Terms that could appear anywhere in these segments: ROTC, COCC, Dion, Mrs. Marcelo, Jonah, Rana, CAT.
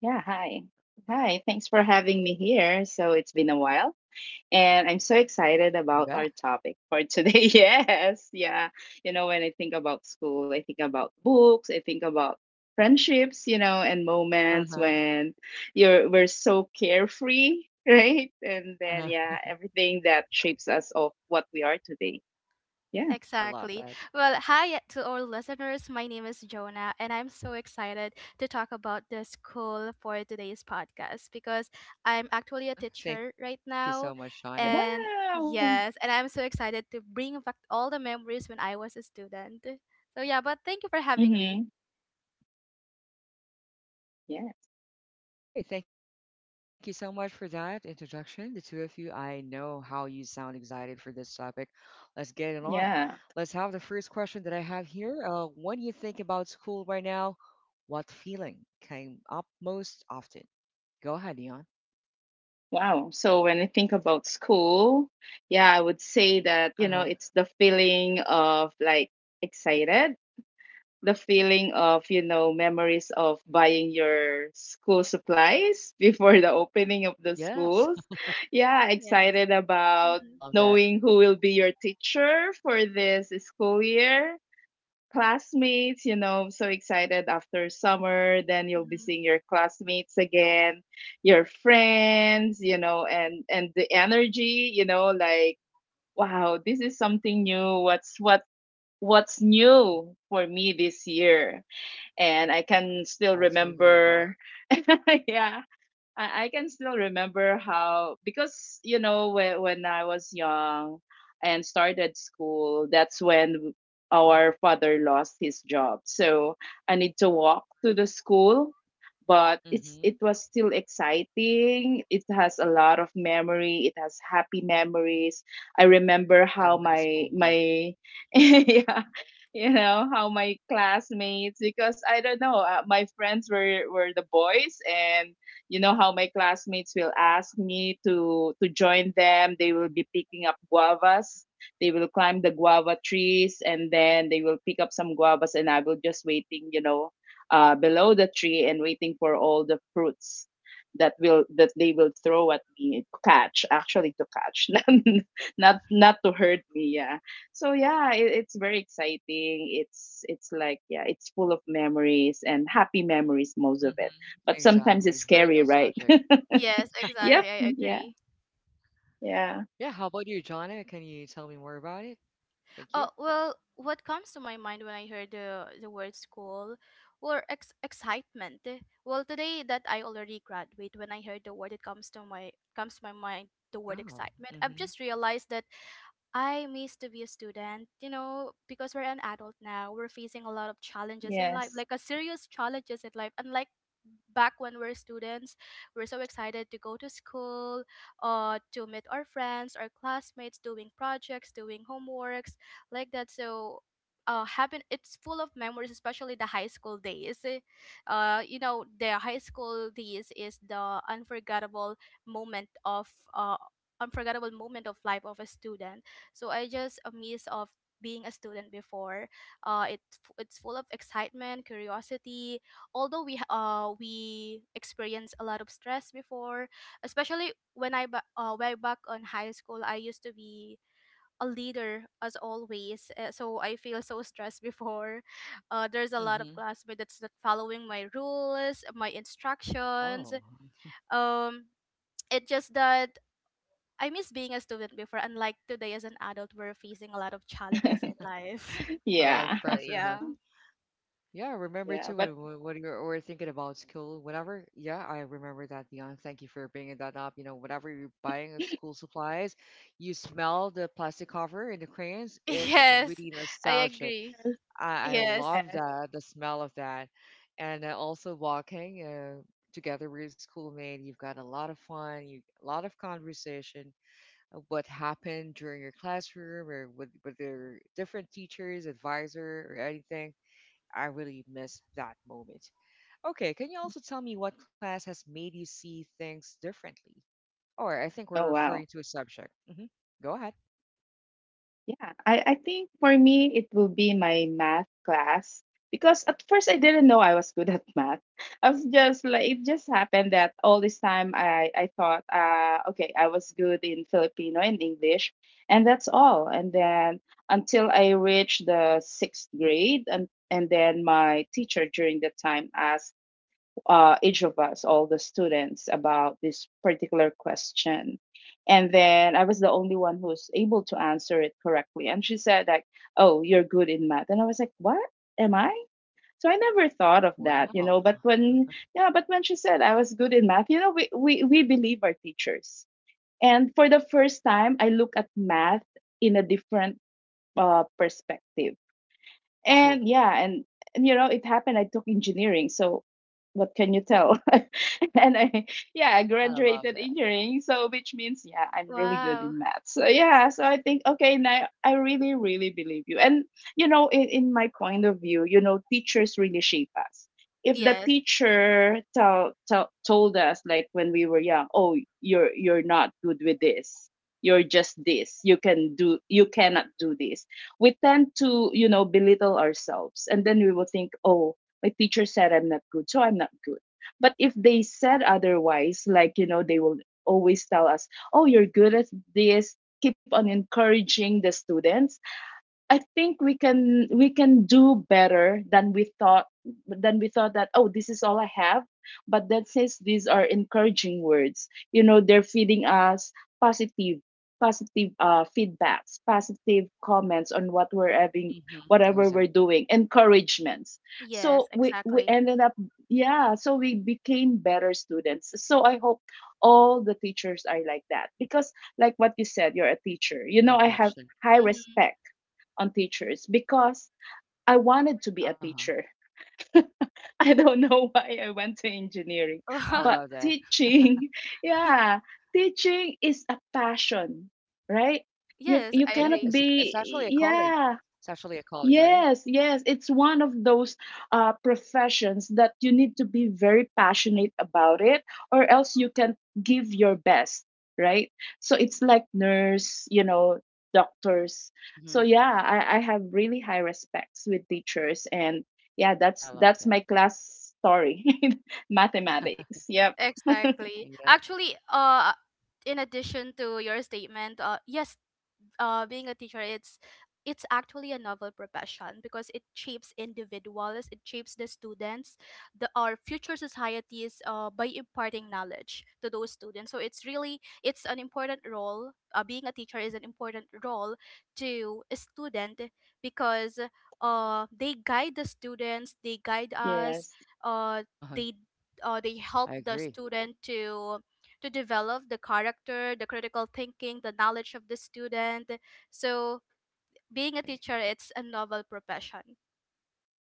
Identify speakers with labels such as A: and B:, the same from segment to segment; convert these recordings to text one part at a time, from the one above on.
A: Yeah, hi. Hi, thanks for having me here. So it's been a while, and I'm so excited about our topic for today. Yes, yeah. You know, when I think about school, I think about books, I think about friendships, you know, and moments when you're we're so carefree, right? And then yeah, everything that shapes us of what we are today. Yeah. Wow. Mm-hmm. Yes. Yeah. Wow. So when I think about school, yeah, I would say that, you know, it's the feeling of like excited, the feeling of, you know, memories of buying your school supplies before the opening of the schools. Yeah, excited about knowing who will be your teacher for this school year classmates, you know, I'm so excited after summer. Then you'll be seeing your classmates again, your friends, you know, and the energy, you know, like wow, this is something new. What's what's new for me this year? And I can still remember, yeah, I can still remember how because you know when I was young and started school, that's when our father lost his job. So I need to walk to the school, but it was still exciting. It has a lot of memory. It has happy memories. I remember how my yeah, you know how my classmates because I don't know, my friends were the boys. And you know how my classmates will ask me to join them. They will be picking up guavas. They will climb the guava trees and then they will pick up some guavas, and I will just waiting, you know, below the tree and waiting for all the fruits that will that they will throw at me, catch, actually to catch, not to hurt me. Yeah. So yeah, it's very exciting. It's like yeah, it's full of memories and happy memories, most of it. But sometimes it's scary, right? Yep. Yeah. Yeah. Yes. Yeah. Yeah. But yes. Yes. Oh wow. Yeah. I think for me it will be my math class because at first I didn't know I was good at math. I was just like it just happened that all this time I thought okay, I was good in Filipino and English, and that's all. And then until I reached the sixth grade, and then my teacher during that time asked, each of us, all the students, about this particular question. And then I was the only one who was able to answer it correctly. And she said, like, oh, you're good in math. And I was like, what am I? So I never thought of that, you know. But when she said I was good in math, you know, we believe our teachers. And for the first time, I look at math in a different, perspective. And yeah, and, and you know, it happened. I took engineering, so what can you tell? And I graduated engineering, so which means yeah, I'm really good in math. So yeah, so I think okay, now I really believe you. And you know, in my point of view, you know, teachers really shape us. If the teacher told us like when we were young, oh, you're not good with this, you're just this, you cannot do this, we tend to, you know, belittle ourselves. And then we will think, oh, my teacher said I'm not good, so I'm not good. But if they said otherwise, like, you know, they will always tell us, oh, you're good at this, keep on encouraging the students. I think we can do better than we thought that oh, this is all I have. But that says these are encouraging words. You know, they're feeding us positive, positive feedbacks, positive comments on what we're having, whatever we're doing, encouragements. So we ended up, yeah, so we became better students. So I hope all the teachers are like that, because like what you said, you're a teacher. You know, I have high respect on teachers because I wanted to be a teacher. I don't know why I went to engineering, but teaching, yeah, teaching is a passion, right? You cannot be, yeah. Yes, yes, it's one of those, professions that you need to be very passionate about it, or else you can give your best, right? So it's like nurse, you know, doctors. So yeah, I have really high respects with teachers. And yeah, that's my class story, mathematics. Yep. Yes.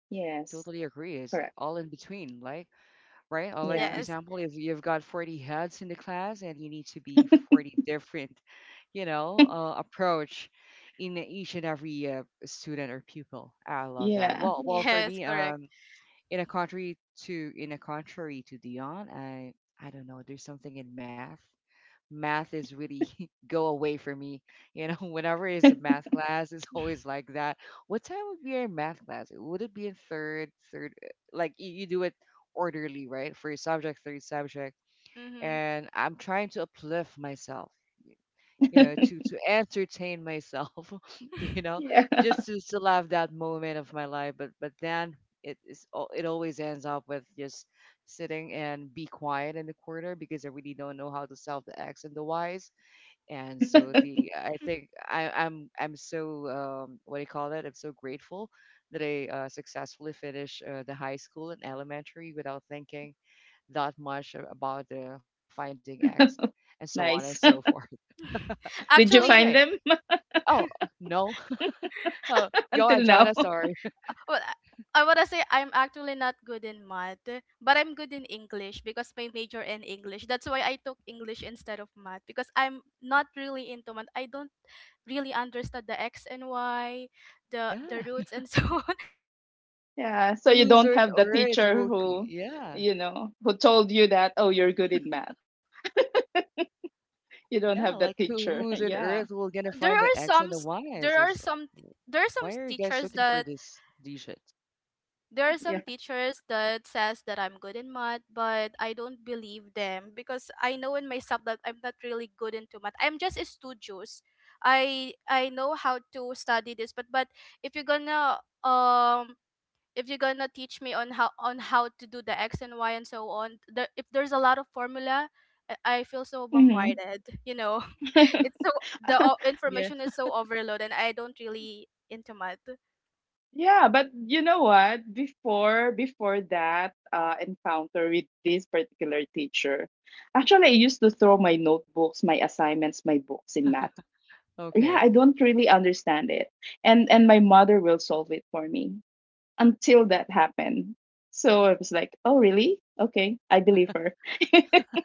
A: Yes. Correct. Yeah. Yeah. yeah. Nice. Did you find them? Until now. Yeah, so you don't have the teacher who, you know, who told you that oh, you're good in math. You don't have the teacher. Yeah,
B: there are some s- there are some s- teachers that there are
A: yeah.
B: some teachers that says that I'm good in math, but I don't believe them because I know in myself that I'm not really good into math. I'm just a studious. I know how to study this, but if you're gonna um if you're gonna teach me on how to do the x and y and so on, if there's a lot of formula. I feel so
A: Hmm.
B: bombarded you know it's so Information is so overload, and I don't really into math.
A: Yeah, but you know what? Before that, encounter with this particular teacher, actually I used to throw my notebooks, my assignments, my books in math. Yeah, I don't really understand it, and my mother will solve it for me. Until that happened. So I was like, oh, really? Okay, I believe her.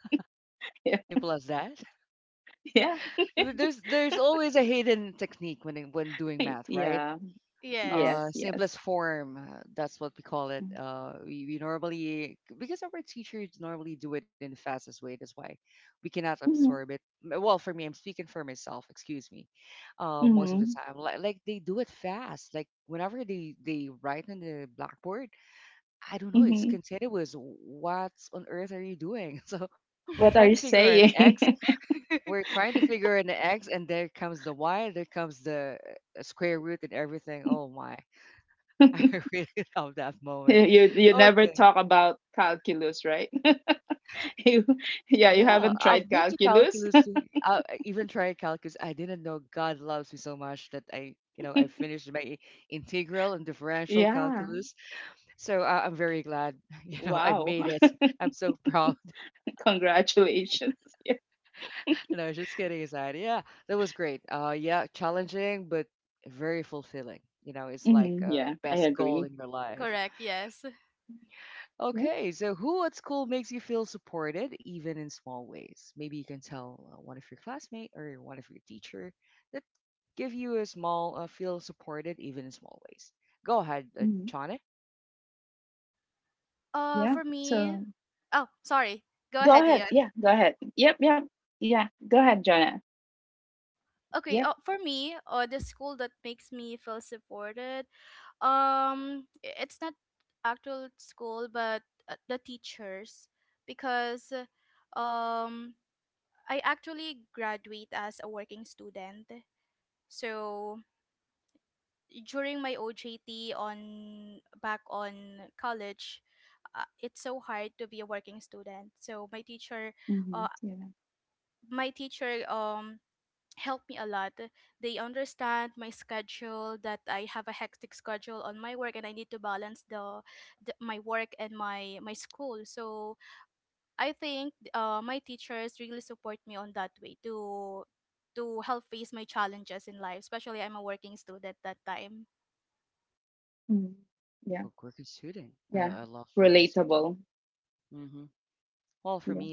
A: yeah, yeah, yeah.
B: Yes.
A: yes, yes. Mm-hmm. Mm-hmm. Mm-hmm. What are you saying? you you never talk about calculus, right? you, yeah, you haven't tried calculus. Yeah. Wow. Congratulations. Yeah. Hmm, yeah, I agree.
B: Correct, yes.
A: Yeah. Hmm. Yeah.
B: For me.
A: So,
B: Oh sorry, go
A: go
B: ahead,
A: ahead.
B: Ian.
A: Yeah, go ahead. Yep. Yeah, go ahead, Jonah.
B: Okay.
A: Yep.
B: For me, the school that makes me feel supported, it's not actual school, but the teachers, because um I actually graduate as a working student. So during my ojt on, back on college, it's so hard to be a working student. So my teacher,
A: Hmm.
B: uh,
A: Yeah.
B: my teacher um help me a lot. They understand my schedule that I have a hectic schedule on my work, and I need to balance the, my work and my school. So I think, my teachers really support me on that way to help face my challenges in life. Especially I'm a working student that time.
A: Mhm. Yeah. Yeah. Relatable. Yeah.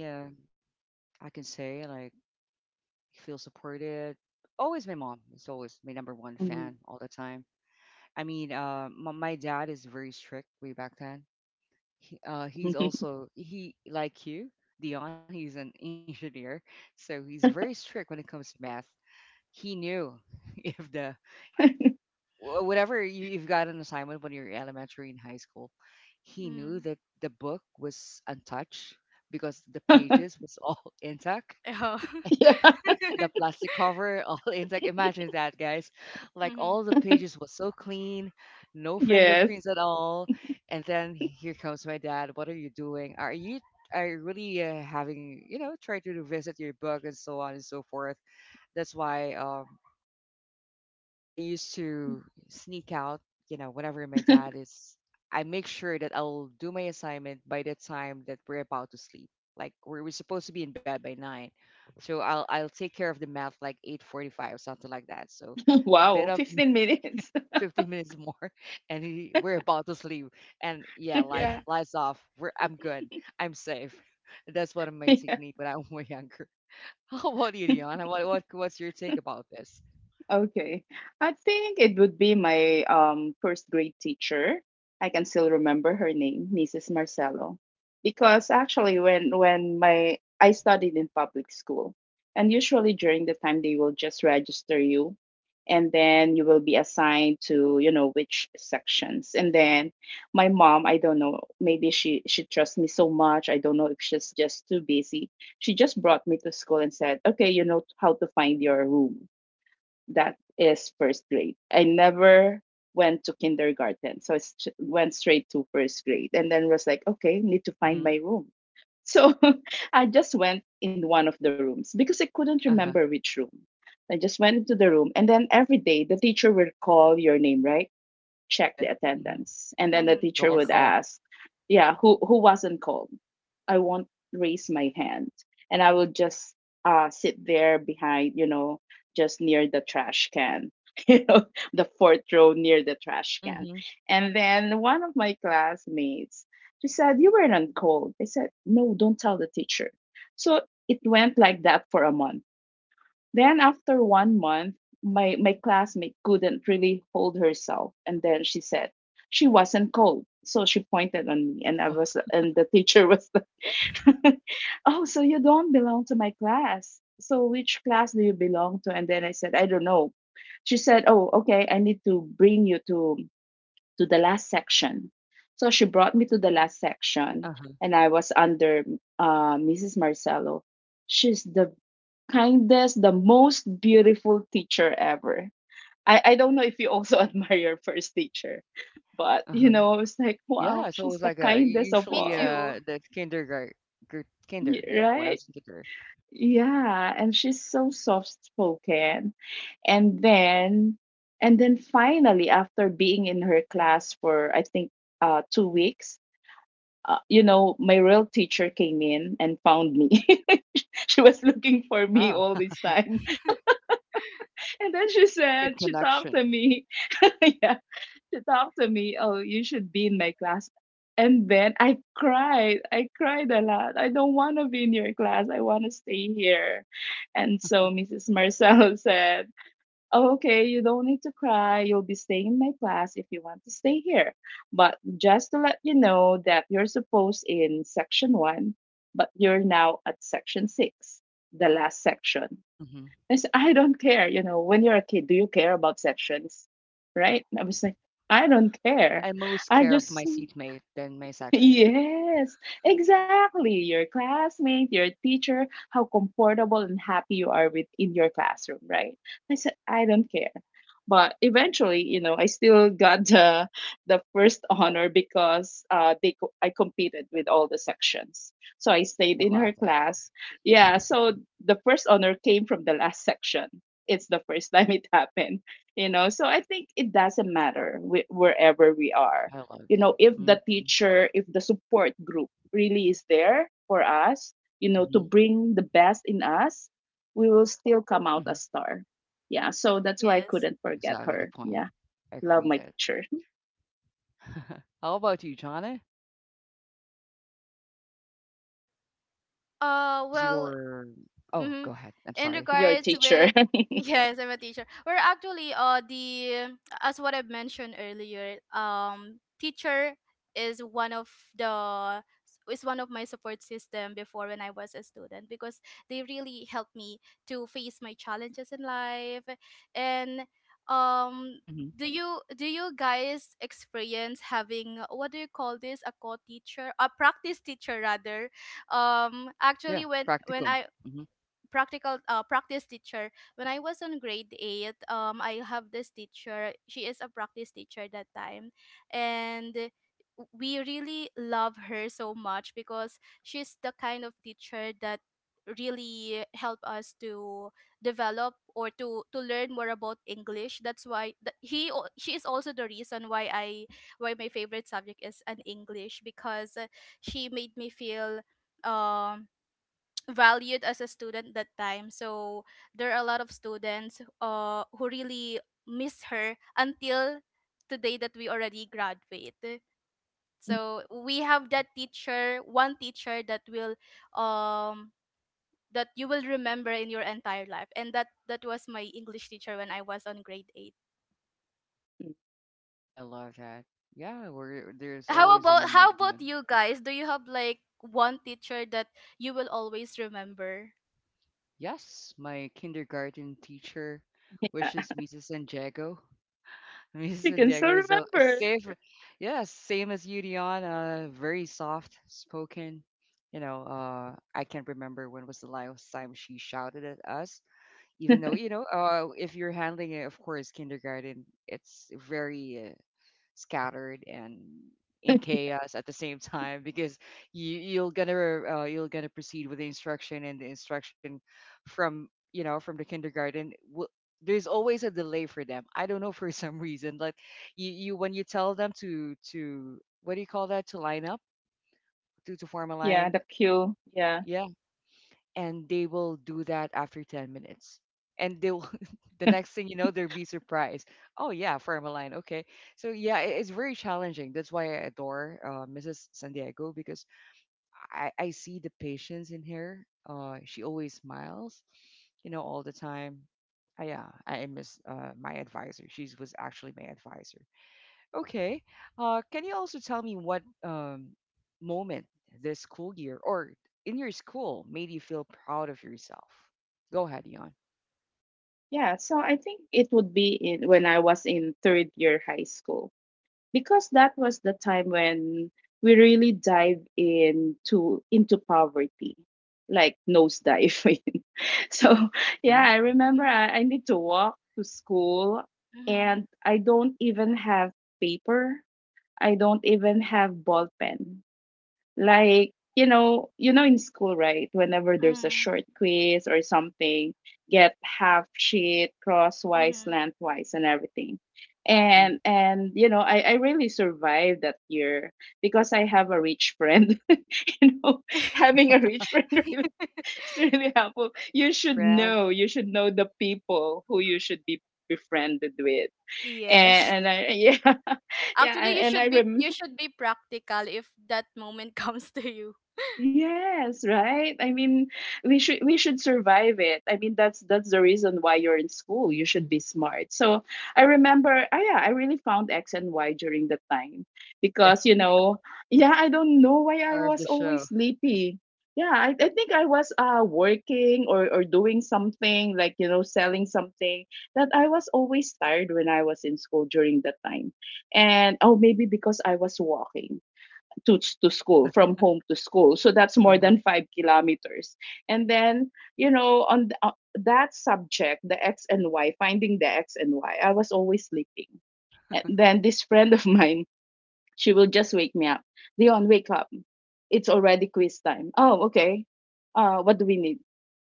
A: Mhm.
B: Mm. Oh.
A: Yeah.
B: Mm-hmm.
A: Yes. Wow. 15 minutes. Yeah. Yeah. Okay. I think it would be my first grade teacher. I can still remember her name, Mrs. Marcelo. Because actually when my I studied in public school, and usually during the time they will just register you, and then you will be assigned to, you know, which sections. And then my mom, I don't know, maybe she trusts me so much. I don't know if she's just too busy. She just brought me to school and said, "Okay, you know how to find your room." That is first grade. I never went to kindergarten, so I went straight to first grade, and then was like, okay, need to find my room. So I just went in one of the rooms because I couldn't remember which room. I just went into the room, and then every day the teacher will call your name, right? Check the attendance. And then the
B: Mm-hmm.
A: teacher would
B: Yes.
A: ask, yeah, who wasn't called? I won't raise my hand. And I would just, sit there behind, you know, just near the trash can, you know, the fourth row near the trash can. And then one of my classmates, she said, "You weren't called." I said, no, don't tell the teacher. So it went like that for a month, then after 1 month, my classmate couldn't really hold herself. And then she said she wasn't cold. So she pointed on me, and I was, and the teacher was oh, so you don't belong to my class. So which class do you belong to? And then I said, I don't know. She said, oh, okay, I need to bring you to the last section. So she brought me to the last section, and I was under, Mrs. Marcelo. She's the kindest, the most beautiful teacher ever. I don't know if you also admire your first teacher, but you know, I was like, wow, she's the kindest of
B: Me
A: all,
B: too.
A: Right? Yeah, and she's so soft spoken. And then, and then finally, after being in her class for I think, 2 weeks, you know, my real teacher came in and found me. She was looking for me all this time. And then she said, she talked to me. Yeah, she talked to me, oh, you should be in my class. And then I cried. I cried a lot. I don't want to be in your class. I want to stay here. And so Mrs. Marcel said, "Oh, okay, you don't need to cry. You'll be staying in my class if you want to stay here. But just to let you know that you're supposed in section one, but you're now at section six, the last section. I said, I don't care. You know, when you're a kid, do you care about sections? Right? I was like, I don't care. I just yes, exactly. Your classmate, your teacher, how comfortable and happy you are with in your classroom, right? I said, I don't care. But eventually, you know, I still got the first honor because I competed with all the sections, so I stayed in her class. Yeah, so the first honor came from the last section. It's the first time it happened, you know. So I think it doesn't matter wherever we are, you know, if the teacher, if the support group really is there for us, you know, to bring the best in us, we will still come out a star. Yeah, so that's why I
B: Yes.
A: couldn't forget her. Yeah, love my teacher.
B: Well. Mm-hmm. In
A: Your
B: regards
A: teacher.
B: with, yes, I'm a teacher. We're actually the, as what I mentioned earlier, teacher is one of the, is one of my support system before when I was a student, because they really helped me to face my challenges in life. And um do you guys experience having, what do you call this, a co-teacher, a practice teacher rather. Actually, when I practical practice teacher, when I was on grade 8, I have this teacher. She is a practice teacher that time, and we really love her so much because she's the kind of teacher that really help us to develop, or to learn more about English. That's why she is also the reason why I why my favorite subject is an English, because she made me feel um valued as a student that time. So there are a lot of students, who really miss her until today, that we already graduate. So we have that teacher, one teacher, that will um that you will remember in your entire life. And that was my English teacher when I was on grade 8. How about, you guys, do you have like one teacher that you will always remember?
A: Yeah, she can still remember. Yeah, the cue, yeah. Yeah, so I think it would be in when I was in third year high school, because that was the time when we really dive into poverty, like nosedive. So yeah, I remember
B: Mm-hmm.
A: I need to walk to school.
B: Mm-hmm.
A: And I don't even have paper. I don't even have ball pen. Like, you know, in school, right, whenever there's a
B: Mm-hmm.
A: short quiz or something, get half sheet crosswise, lengthwise, and everything. And you know, I really survived that year because I have a rich friend. You know, having a rich friend really, it's really helpful. You should know, the people who you should be befriended with.
B: Yes.
A: And I, yeah. Yeah,
B: Actually,
A: and I
B: you should be practical if that moment comes to you.
A: yes, right. I mean, we should survive it. I mean, that's the reason why you're in school. You should be smart. So I remember, oh yeah, I really found X and Y during the time, because, you know, yeah, I don't know why I was always sleepy. Yeah, I think I was working or doing something, like, you know, selling something, that I was always tired when I was in school during that time. And oh, maybe because I was walking to school, from home to school. So that's more than 5 kilometers. And then, you know, on that subject, the X and Y, finding the X and Y, I was always sleeping. And then this friend of mine, she will just wake me up. Leon, wake up. It's already quiz time. Oh, okay. What do we need?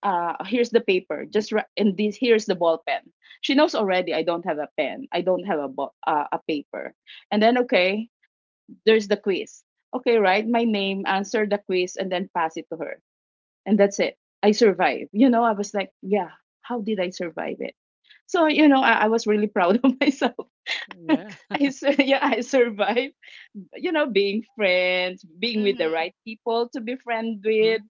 A: Here's the paper. Just and this, here's the ball pen. She knows already. I don't have a pen. I don't have a a paper. And then, okay, there's the quiz. Okay, write my name, answer the quiz, and then pass it to her. And that's it. I survived. You know, I was like, yeah, how did I survive it? So, you know, I was really proud of myself. Yeah, I survived, you know, being with the right
B: Mm-hmm.
A: people to be friend with.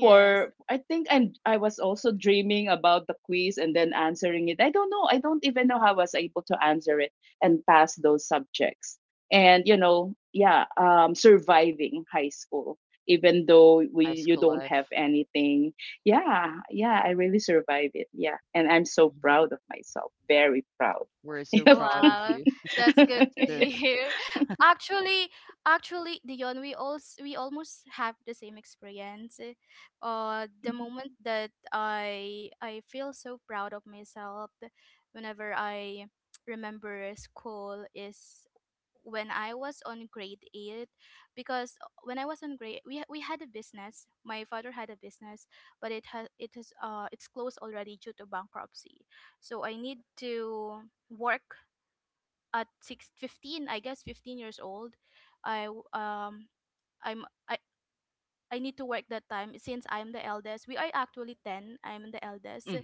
A: For,
B: Yes.
A: I think, and I was also dreaming about the quiz and then answering it. I don't know, I don't even know how I was able to answer it and pass those subjects. And you know, yeah, surviving high school, even though you don't have anything. Yeah, yeah, I really survived it. Yeah, and I'm so proud of myself, very proud. Yep.
B: Wow, that's good to hear. Actually, Dion, we almost have the same experience. The moment that I feel so proud of myself, whenever I remember school, is when I was on grade 8. Because when I was on grade, we had a business. My father had a business, but it has it is it's closed already due to bankruptcy. So I need to work at six fifteen, I guess 15 years old. I w- I'm I need to work that time since I'm the eldest. We are actually 10. I'm the eldest.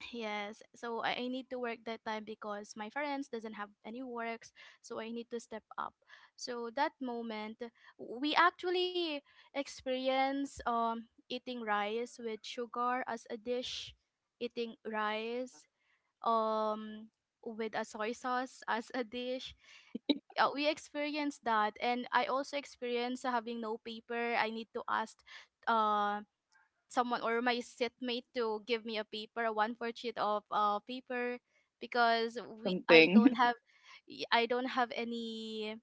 B: Yes. So I need to work that time because my parents doesn't have any works. So I need to step up. So that moment, we actually experience eating rice with sugar as a dish, eating rice um with a soy sauce as a dish. We experienced that, and I also experienced having no paper. I need to ask uh someone or my seatmate to give me a paper, a 1/4 sheet of paper, because we I
A: Something.
B: don't have, y- i don't have any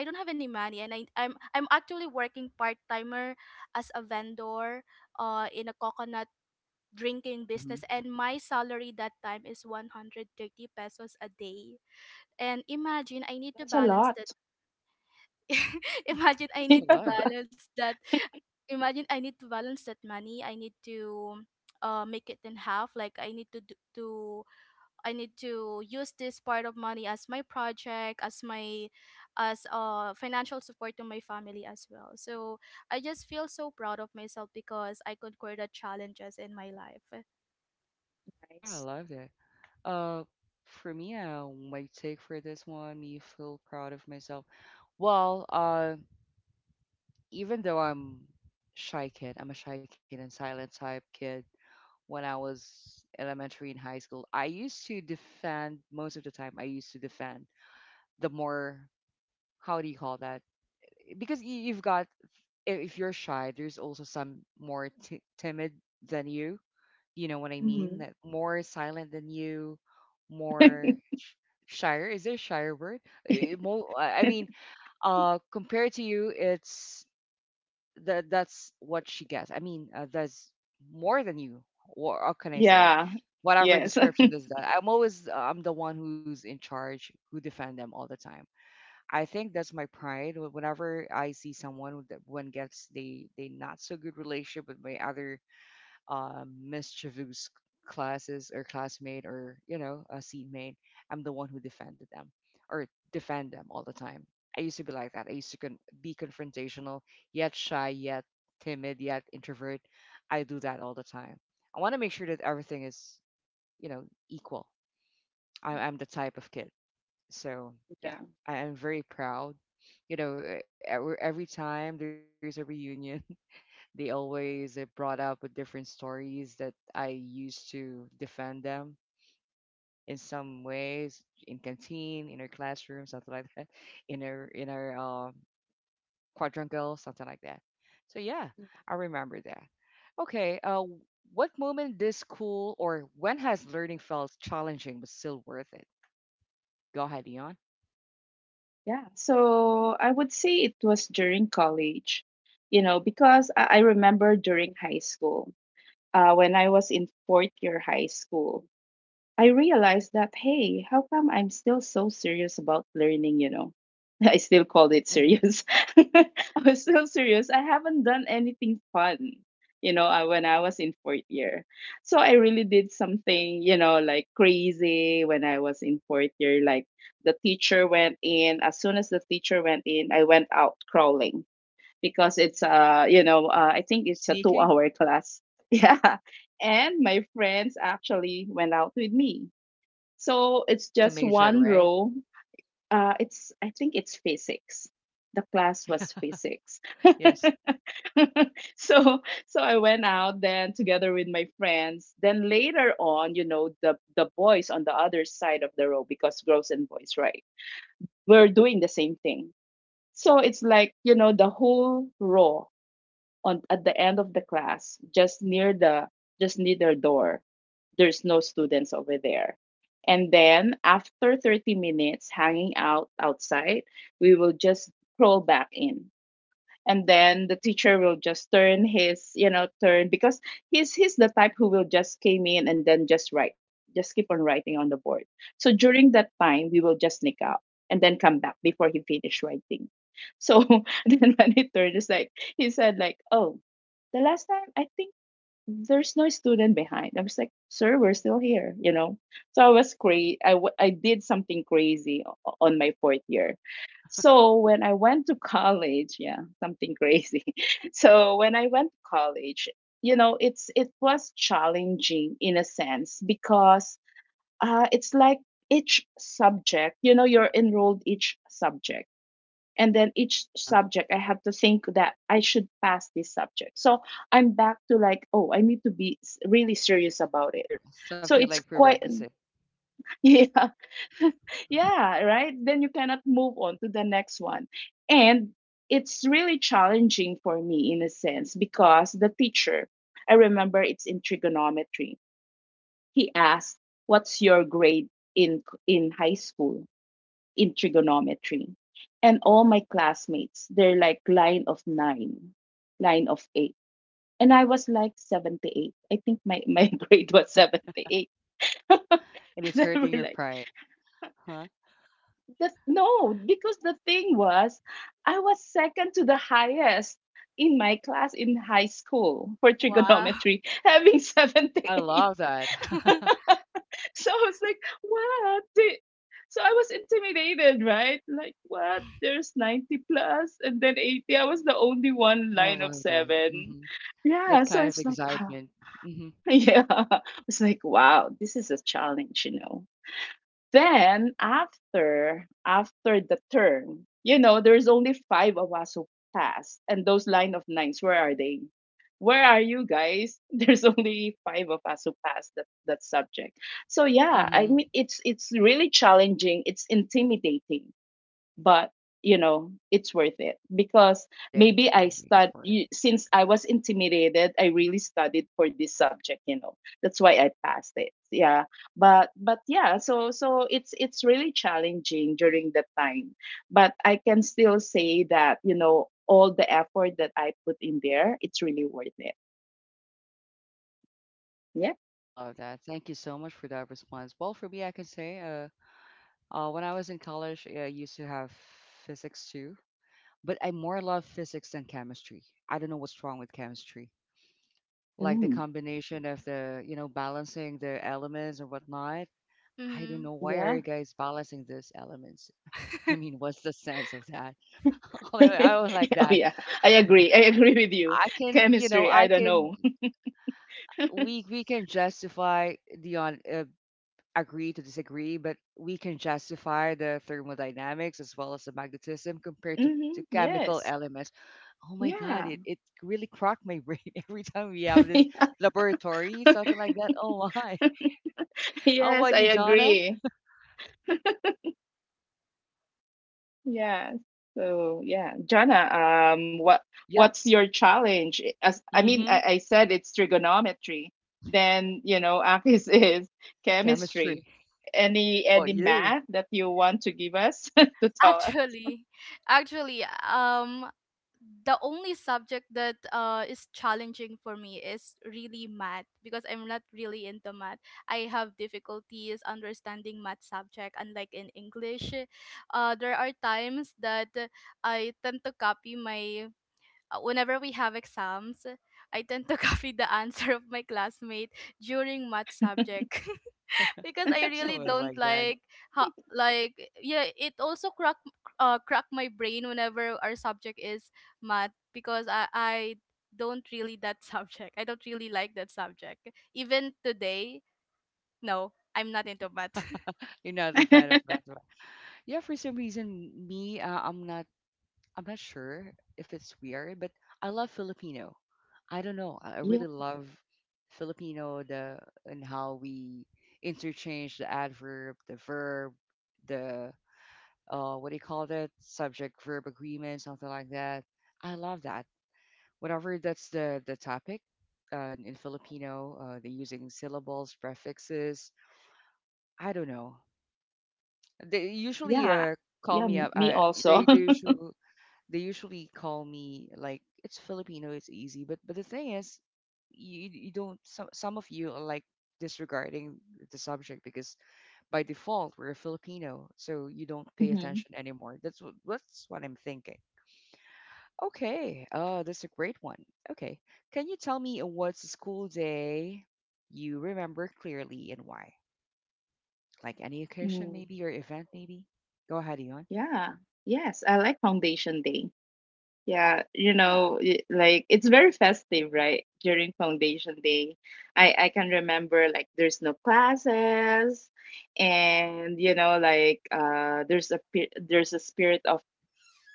B: I don't have any money. And I'm actually working part-timer as a vendor, in a coconut drinking business. And my salary that time is 130 pesos a day. And imagine, I need to
A: That's a
B: balance
A: lot.
B: that. Imagine, I need to
A: Yeah.
B: balance that. Imagine, I need to balance that money. I need to make it in half, like I need to I need to use this part of money as my project, as my, as financial support to my family as well. So I just feel so proud of myself because I conquered the challenges in my life.
A: Nice. Mhm. Yeah. Yes. Yeah. Yeah, so I would say it was during college, you know, because I remember during high school, when I was in fourth year high school, I realized that, hey, how come I'm still so serious about learning, you know? I still called it serious. I was still serious. I haven't done anything fun, you know, when I was in fourth year. So I really did something, you know, like crazy when I was in fourth year. Like the teacher went in. As soon as the teacher went in, I went out crawling because it's, you know, I think it's a 2 hour class. Yeah. And my friends actually went out with me, so it's just one row. It's, I think it's physics. The class was physics. so so I went out then together with my friends. Then later on, you know, the boys on the other side of the row, because girls and boys, right? We're doing the same thing. So it's like, you know, the whole row on at the end of the class, just near the, just near their door, there's no students over there. And then after 30 minutes hanging out outside, we will just crawl back in, and then the teacher will just turn his, you know, turn, because he's the type who will just came in and then just write, just keep on writing on the board. So during that time we will just sneak out and then come back before he finished writing. So then when he turned, it's like he said like, oh, the last time I think there's no student behind. I was like, sir, we're still here, you know? So I was crazy. I did something crazy on my fourth year. So when I went to college, yeah, something crazy. So when I went to college, you know, it was challenging in a sense because, it's like each subject, you know, you're enrolled each subject, and then each subject I have to think that I should pass this subject. So I'm back to like, oh, I need to be really serious about it. So it's quite yeah. Yeah, right, then you cannot move on to the next one. And it's really challenging for me in a sense because the teacher, I remember it's in trigonometry, he asked, what's your grade in high school in trigonometry. And all my classmates, they're like line of nine, line of eight. And I was like 78. I think my grade was 78. They were like, "That's-" no, because the thing was, I was second to the highest in my class in high school for trigonometry, having 78. So I was like, what? So I was intimidated, right? Like, what? There's 90 plus and then 80. I was the only one line of seven. Yeah. So it's like, yeah. It's like, wow, this is a challenge, you know? Then after the term, you know, there's only five of us who passed, and those line of nines, where are they? Where are you guys? There's only five of us who passed that subject. So yeah, I mean, it's really challenging. It's intimidating, but you know, it's worth it because maybe I since I was intimidated, I really studied for this subject, you know, that's why I passed it. Yeah. But yeah, so it's really challenging during the time, but I can still say that, you know, all the effort that I put in there, it's really worth it. Yeah. Mm, yeah. Oh yeah, I agree, I agree with you. Chemistry, I don't know. Hmm, yes. Yeah. Yes, I agree. Yes. So yeah, Jana, what what's your challenge? As I mean, I said it's trigonometry. Then you know, Akis is chemistry. Any math that you want to give us to tell us? Yeah, yeah, yeah. Me also. Mhm. Mm, yeah. Yes, I like Foundation Day. Yeah, you know, like it's very festive, right? During foundation day, I can remember like there's no classes, and you know, like there's a there's a spirit of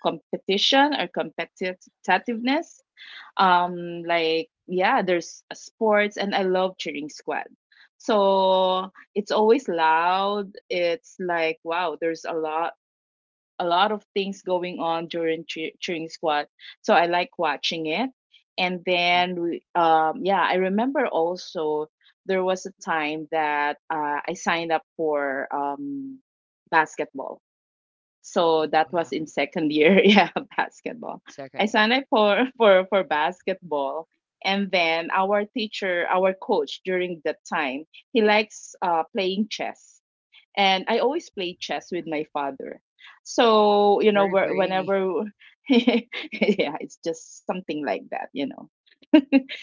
A: competition or competitiveness. Like yeah, there's a sports, and I love cheering squad. So it's always loud. It's like wow, there's a lot of things going on during cheering squad. So I like watching it. And then, yeah, I remember also there was a time that I signed up for, basketball. So that was in second year, yeah, basketball. I signed up for basketball, and then our teacher, our coach during that time, he likes, playing chess, and I always play chess with my father. So you know, whenever yeah, it's just something like that, you know.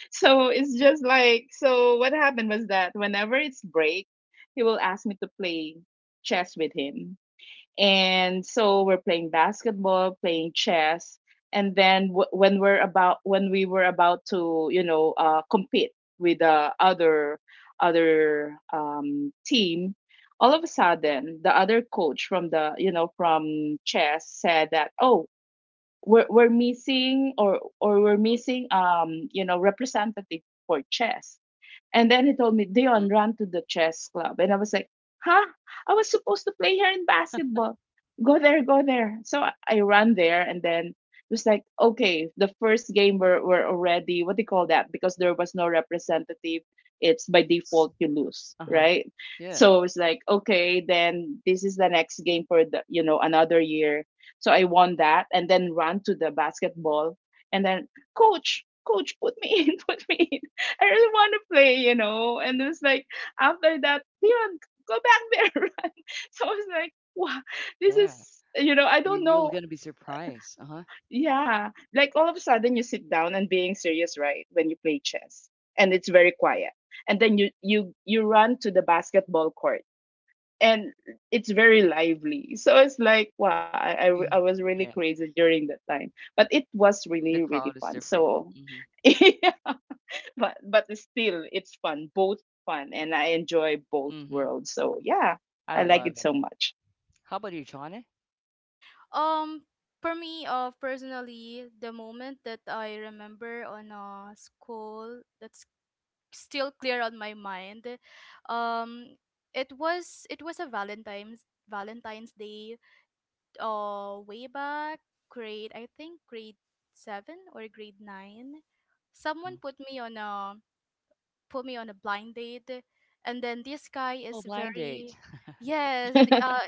A: So it's just like so. What happened was that whenever it's break, he will ask me to play chess with him, and so we're playing basketball, playing chess. And then when we were about to, you know, compete with the other, team. All of a sudden the other coach from the, you know, from chess said that, oh, we're missing, or we're missing, you know, representative for chess. And then he told me, Dion, run to the chess club. And I was like, huh? I was supposed to play here in basketball. Go there, go there. So I ran there and then it was like, okay, the first game were already, what do you call that? Because there was no representative, it's by default you lose, right? So it's like, okay, then this is the next game for the, you know, another year. So I won that and then ran to the basketball and then, coach, put me in, put me I really want to play, you know. And it was like after that, Dion, go back there. Run. So I was like, wow, this is, you know, I don't know. Yeah, like all of a sudden you sit down and being serious, right? When you play chess, and it's very quiet, and then you run to the basketball court, and it's very lively. So it's like wow, I was really crazy during that time, but it was really really fun. So. But it's still it's fun both fun and I enjoy both worlds, so yeah, I like it so much.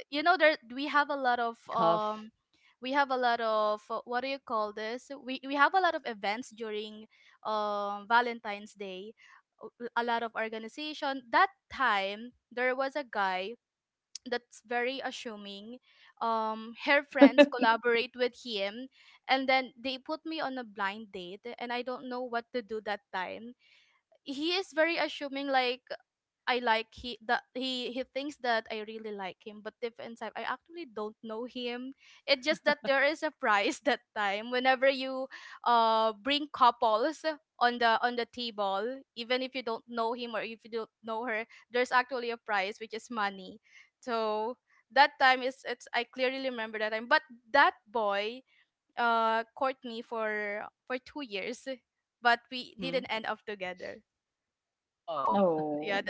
A: Oh,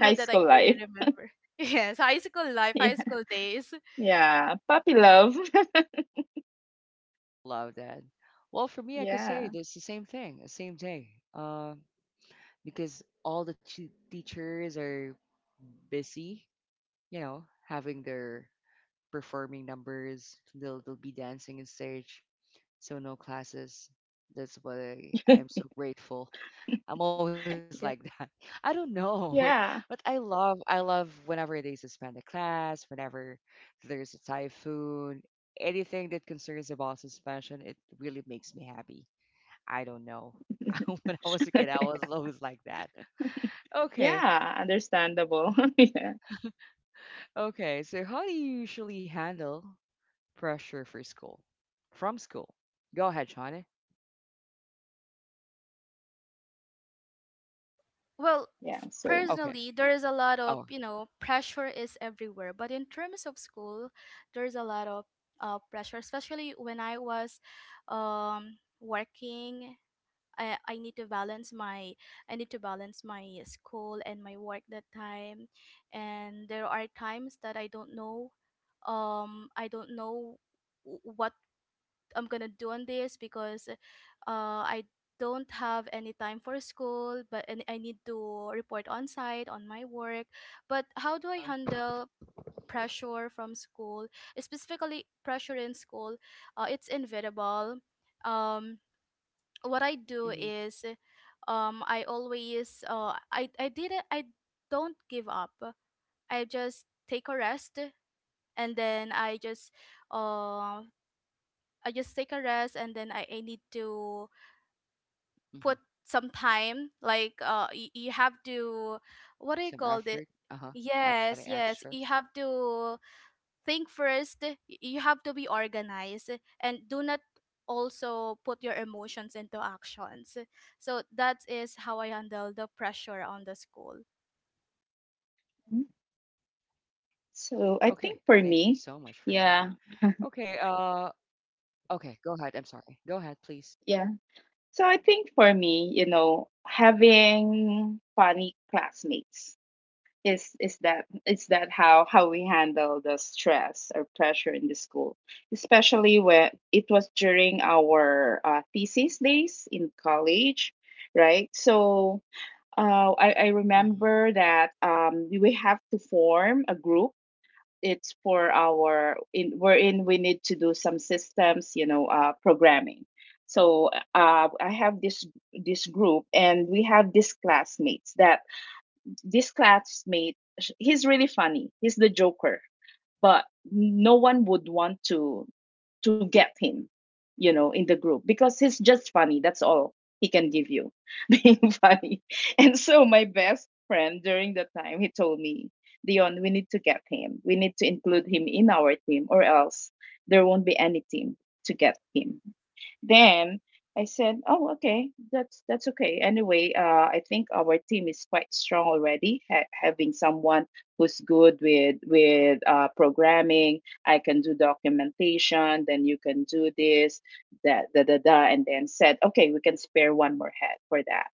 A: high school life. Yeah. Yeah, puppy love. Yeah. Yeah. Yeah. Yeah, understandable. Yeah. Yeah, so mm. So I think for me, yeah, yeah, so I think for me, you know, having funny classmates is that is that how we handle the stress or pressure in the school, especially when it was during our thesis days in college, right? So I remember that we will have to form a group. It's for our in wherein we need to do some systems, you know, programming. So I have this this group and we have these classmates that he's really funny. He's the joker, but no one would want to get him, you know, in the group because he's just funny, that's all. He can give you being funny. And so my best friend during the time he told me, Dion, we need to get him, we need to include him in our team, or else there won't be any team to get him then. I said, oh, okay, that's okay. Anyway, I think our team is quite strong already, having someone who's good with programming. I can do documentation. Then you can do this, that, da da da, and then said, okay, we can spare one more head for that.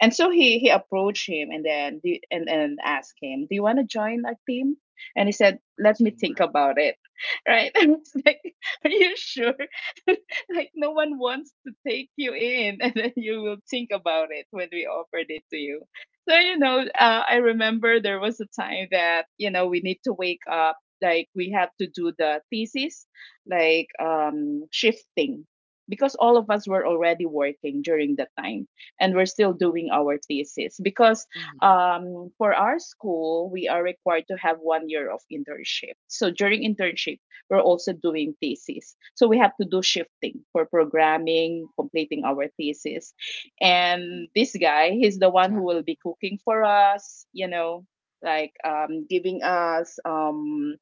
A: And so he approached him and then and asked him, do you want to join our team? And he said, let me think about it. Right? I was like, are you sure? Like no one wants to take you in, and then you will think about it when we offered it to you. So, you know, I remember there was a time that, you know, we need to wake up, like we have to do the thesis, like shifting, because all of us were already working during that time and we're still doing our thesis. Because for our school, we are required to have 1 year of internship. So during internship, we're also doing thesis. So we have to do shifting for programming, completing our thesis, and this guy, he's the one who will be cooking for us, you know, like giving us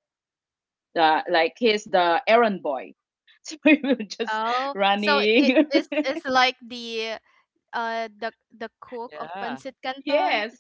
A: the, like he's the errand boy. So we were just running. Yes.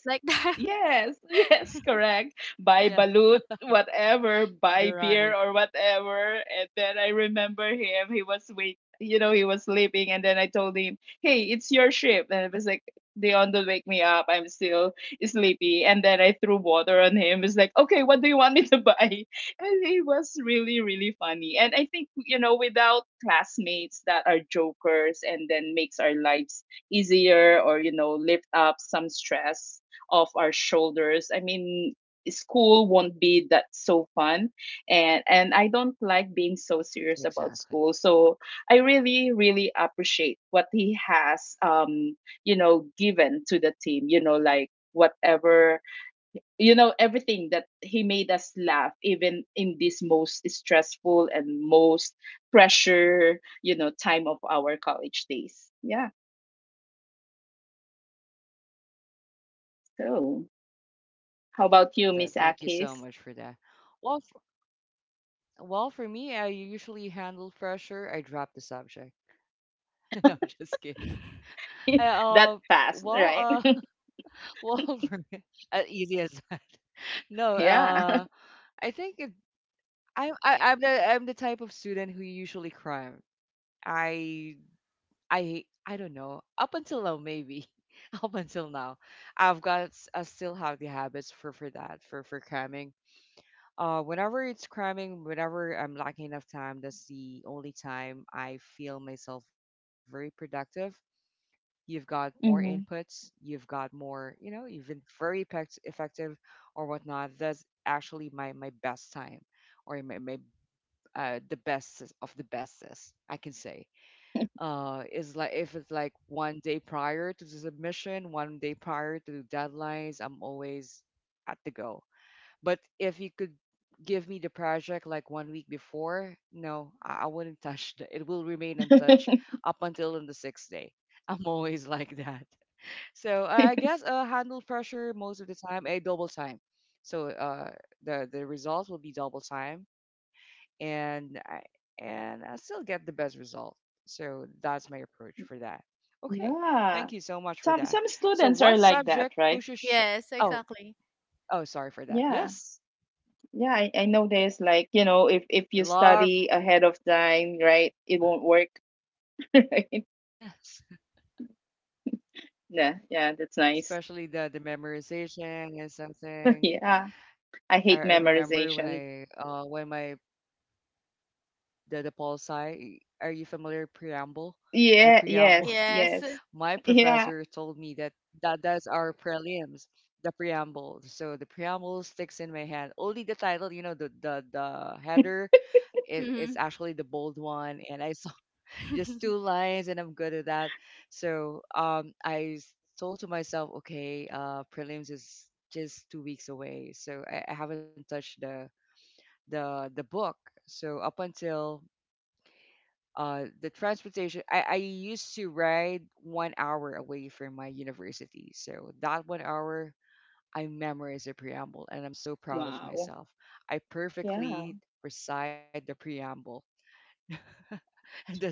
A: Yes, yes, correct. Buy balut, whatever, buy beer or whatever. And then I remember him, he was wait, you know, he was sleeping. And then I told him, hey, it's your shift. And it was like, Dion, don't wake me up. I'm still sleepy. And then I threw water on him. It's like, okay, what do you want me to buy? And he was really, really funny. And I think, you know, without classmates that are jokers and then makes our lives easier, or you know, lift up some stress off our shoulders, I mean, school won't be that so fun. And I don't like being so serious about school, so I really really appreciate what he has you know, given to the team, you know, like whatever, you know, everything that he made us laugh even in this most stressful and most pressure, you know, time of our college days, yeah. So how about you, Miss Akis? That fast, right? Yeah. Mm-hmm. Yeah. Some students are like that, right? Yeah. Yeah, I know there's like, you know, if you study ahead of time, right, it won't work. Right? Yeah, yeah, that's nice. Yeah. I hate memorization. Yeah, yes, yes. Yeah. Wow. Yeah.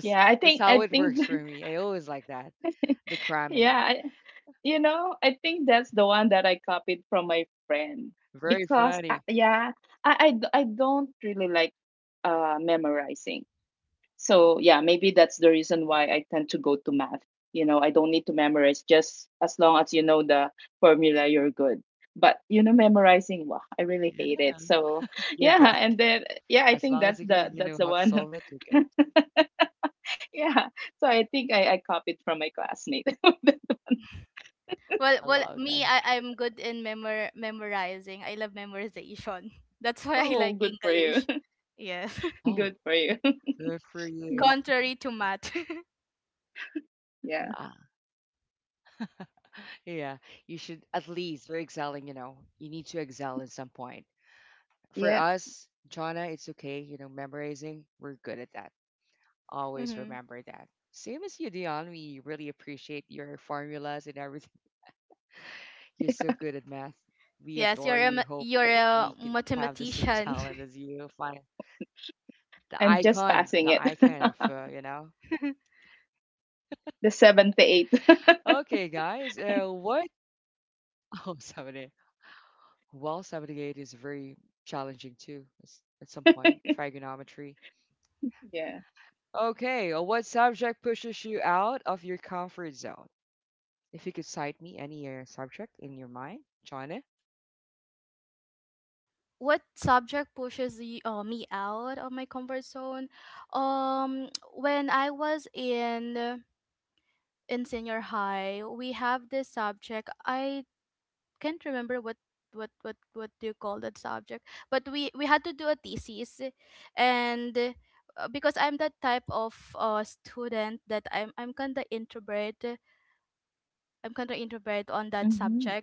A: Yeah, I think yeah, I- You know, I think that's the one that I copied from my friend because yeah, I don't really like memorizing. So yeah, maybe that's the reason why I tend to go to math. You know, I don't need to memorize just as long as you know the formula, you're good. But you know, memorizing, wow, I really hate it. So yeah, and then yeah, I think that's the one. Yeah. So I think I copied from my classmate. Oh, good for you. Good for you. Yeah. Yeah. I'm just passing it. The seven to eight. Yeah. Hmm.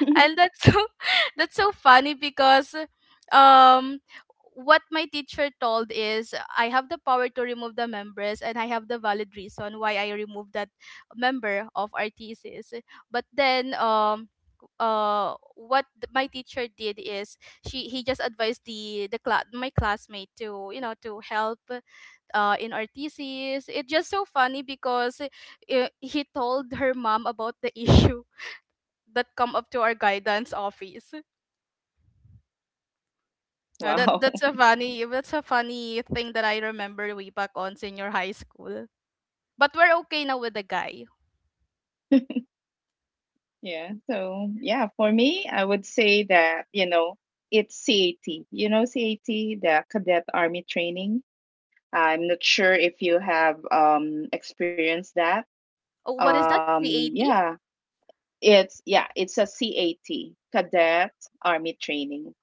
A: Wow. Yeah. So, yeah, for me, I would say that, you know, it's CAT. You know, CAT, the Cadet Army Training. I'm not sure if you have experienced that. Um, yeah. It's, yeah, it's a CAT Cadet Army Training.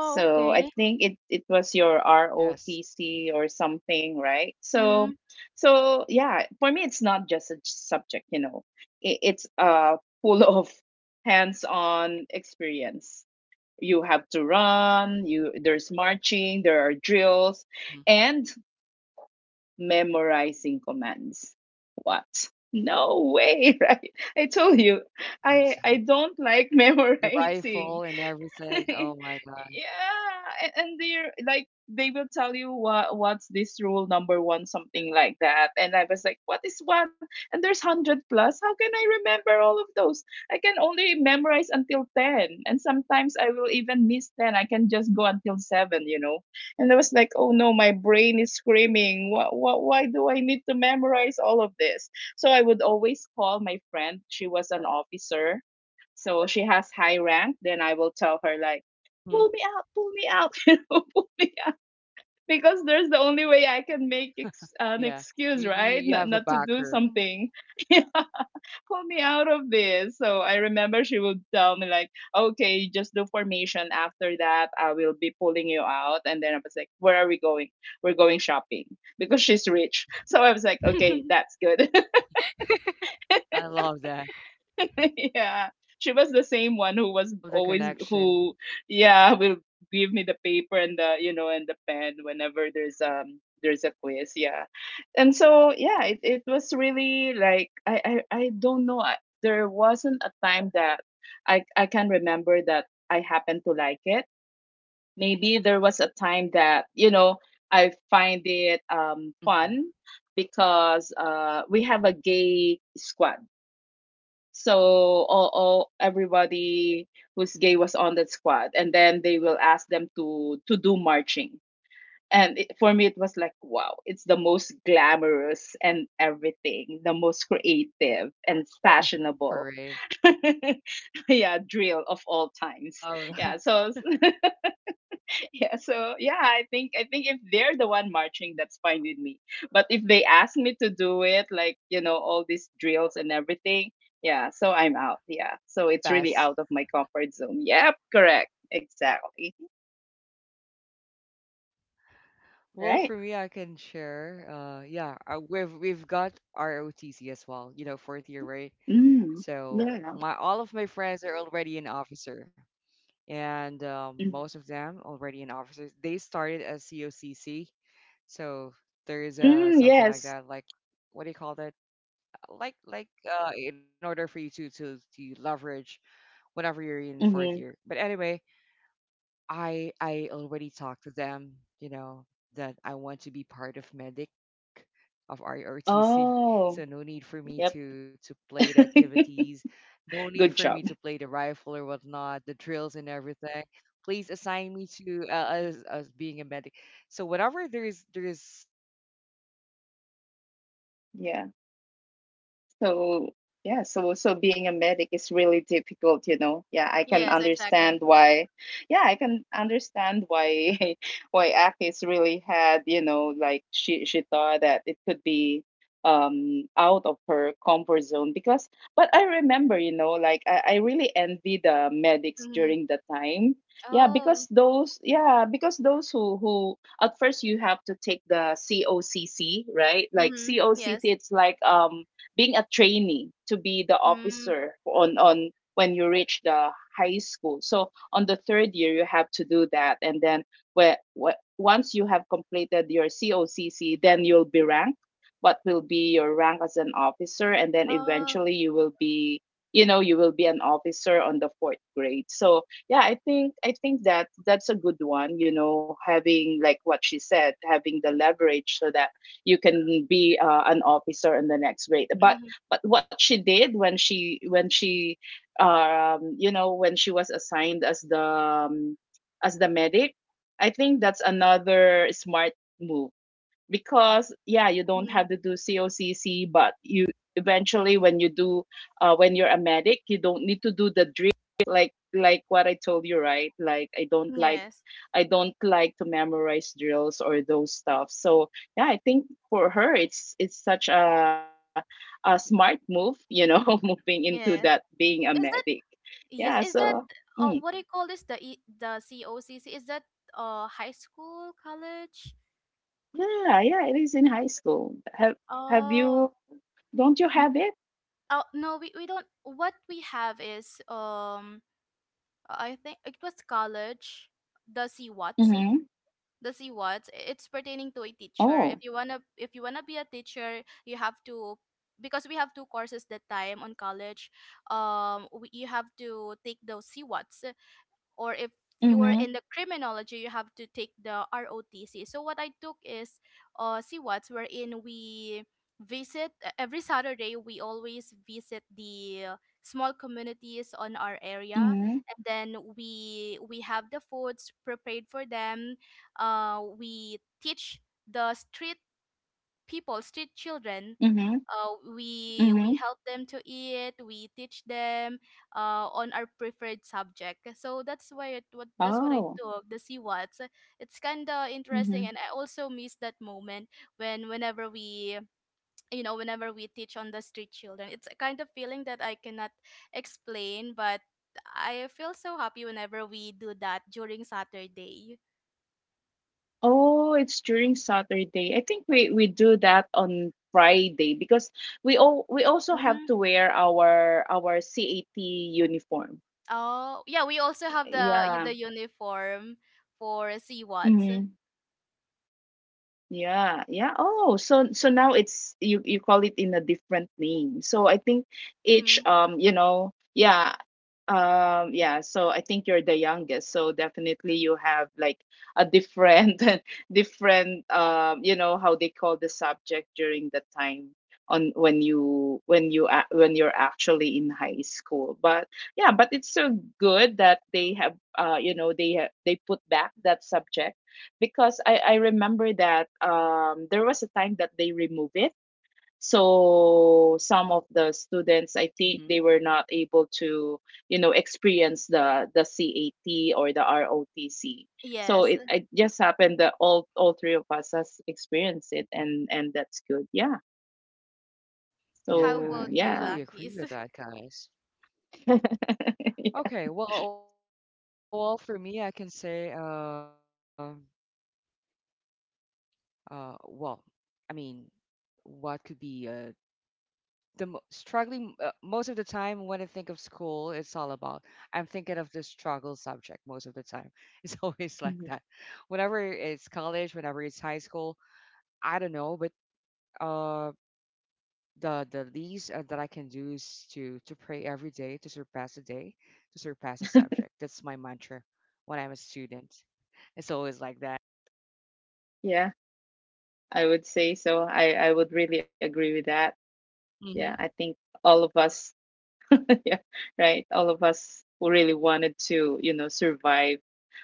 A: So I think it it was your ROTC or something, right? So so yeah, for me it's not just a subject, you know. It, it's full of hands-on experience. You have to run, you there's marching, there are drills and memorizing commands. What? No way, right? I told you, I don't like memorizing. Yeah, and they're like they will tell you what's this rule number one, something like that. And I was like, what is one? And there's 100 plus, how can I remember all of those? I can only memorize until 10, and sometimes I will even miss 10. I can just go until 7, you know. And I was like, oh no, my brain is screaming, what, why do I need to memorize all of this? So I would always call my friend, she was an officer, so she has high rank, then I will tell her like, pull me out, you know, pull me out, because there's the only way I can make an excuse, right? Not to do something. You know, pull me out of this. So I remember she would tell me like, okay, just do formation. After that, I will be pulling you out. And then I was like, where are we going? We're going shopping because she's rich. So I was like, okay, that's good. Yeah. She was the same one who was always who yeah, will give me the paper and the, you know, and the pen whenever there's a quiz, yeah. And so yeah, it was really like I don't know. I, there wasn't a time that I can remember that I happened to like it. Maybe there was a time that, you know, I find it fun because we have a gay squad, so all everybody who's gay was on that squad and then they will ask them to do marching. And it, for me it was like wow, it's the most glamorous and everything, the most creative and fashionable yeah, drill of all times, yeah. So yeah, so yeah, I think if they're the one marching, that's fine with me. But if they ask me to do it, like you know, all these drills and everything, yeah, so I'm out. Yeah, so it's really out of my comfort zone. Yep, correct, exactly. Right. Mm, yeah. Mm, mm, yes. Mm-hmm. Oh, yep. Good job. Yeah. So yeah, so so being a medic is really difficult, you know. Yeah, I can understand why. Yeah, I can understand why why Akis really had, you know, like she thought that it could be out of her comfort zone because but I remember, you know, like I really envy the medics during the time. Yeah, because those who at first you have to take the COCC, right? Like COCC, it's like being a trainee to be the officer on when you reach the high school. So on the third year, you have to do that, and then where once you have completed your COCC, then you'll be ranked. What will be your rank as an officer, and then eventually you will be, you know, you will be an officer on the fourth grade. So yeah, I think that that's a good one. You know, having like what she said, having the leverage so that you can be an officer in the next grade, but what she did when she you know, when she was assigned as the medic, I think that's another smart move because yeah, you don't have to do COCC, but you eventually when you do when you're a medic, you don't need to do the drip, like what I told you, right? Like I don't like, I don't like to memorize drills or those stuff. So yeah, I think for her it's such a smart move, you know. Moving into that, being a medic, yeah, so mm, yeah, yeah, it is in high school. Have you don't you have it? Mm-hmm. Oh. Mhm. Mhm. Mhm. Mhm. Oh. Mhm. Oh, it's during Saturday. I think we do that on Friday because we also have to wear our CAT uniform. Yeah. Mhm. Yeah. Yeah. Oh, so so now it's you call it in a different name. So I think each you know, yeah. Yeah, so I think you're the youngest, so definitely you have like a different, different, you know, how they call the subject during the time on when when you're actually in high school. But yeah, but it's so good that they have, you know, they put back that subject because I remember that there was a time that they removed it, so some of the students, I think they were not able
C: Mhm.
A: to, you know, experience the CAT or the ROTC. So it just happened that all three of us has experienced it, and that's good, yeah, so yeah.
C: Yeah, I totally agree with that, guys.
A: Yeah.
C: Okay, well, for me, I can say, uh, well, I mean, what could be the struggling, most of the time when I think of school, it's all about I'm thinking of the struggle subject most of the time. It's always like that.
A: Mhm.
C: Whenever it's college, whenever it's high school, I don't know, but um the least, that I can do is to pray every day to surpass the day, to surpass the subject. That's my mantra when I'm a student. It's always like that.
A: Yeah, I would say so, I would really agree with that. Yeah, I think
C: hmm
A: all of us yeah, right, all of us who really wanted to, you know, survive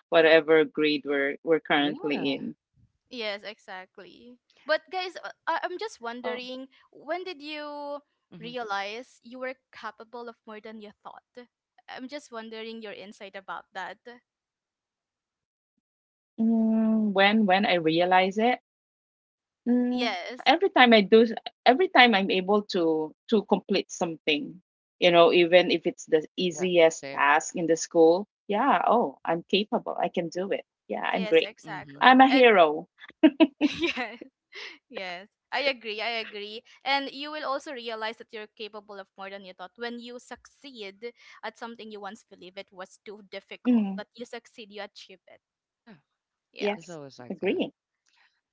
A: whatever grade we're currently
C: Yeah.
A: in.
C: Oh. hmm
A: Mm, when I realize it, mm, every time I do, every time I'm able to complete something, you know, even if it's the
C: Yeah.
A: easiest
C: Same.
A: task in the school, yeah, oh, I'm capable. I can do it. Yeah, I'm great. I'm a
C: hmm
A: hero. Mm,
C: Yeah. It's
A: yes,
C: always like that.
A: agree.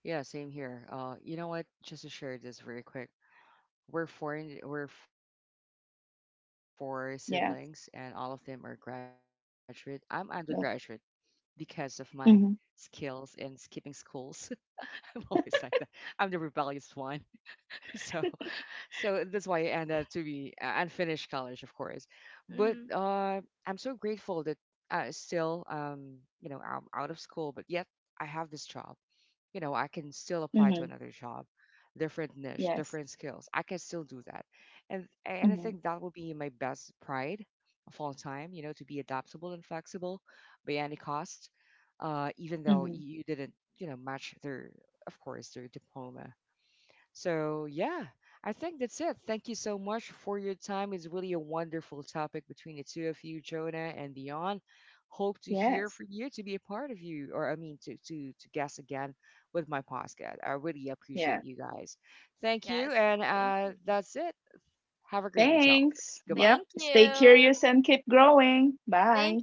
C: Yeah. Same here. You know what? Just to share this very quick. We're four. We're four siblings, and all of them are
A: Yeah.
C: graduate. I'm undergraduate because of my
A: Yeah.
C: skills in skipping
A: Mm-hmm,
C: schools. I'm always like that. I'm the rebellious one. So so that's why I end up to be, unfinished college, of course. But, I'm so grateful that I still, you know, I'm out of school, but yet I have this job. You know, I can still apply to another
A: mm-hmm,
C: job, different niche, different
A: yes.
C: skills. I can still do that. And I think
A: Mm-hmm,
C: that will be my best pride of all time, you know, to be adaptable and flexible by any cost, even though
A: mm-hmm,
C: you didn't, you know, match their, of course, their diploma. So, yeah, I think that's it. Thank you so much for your time. It's really a wonderful topic between the two of you, Jonah and Dion. Hope to hear
A: yes.
C: from you, to be a part of you, or I mean, to to guest again with my podcast. I really appreciate
A: Yes.
C: you guys. Thank you, and that's it. Have a great day, to
A: Thanks.
C: Goodbye.
A: Yep. Stay curious and keep growing. Bye.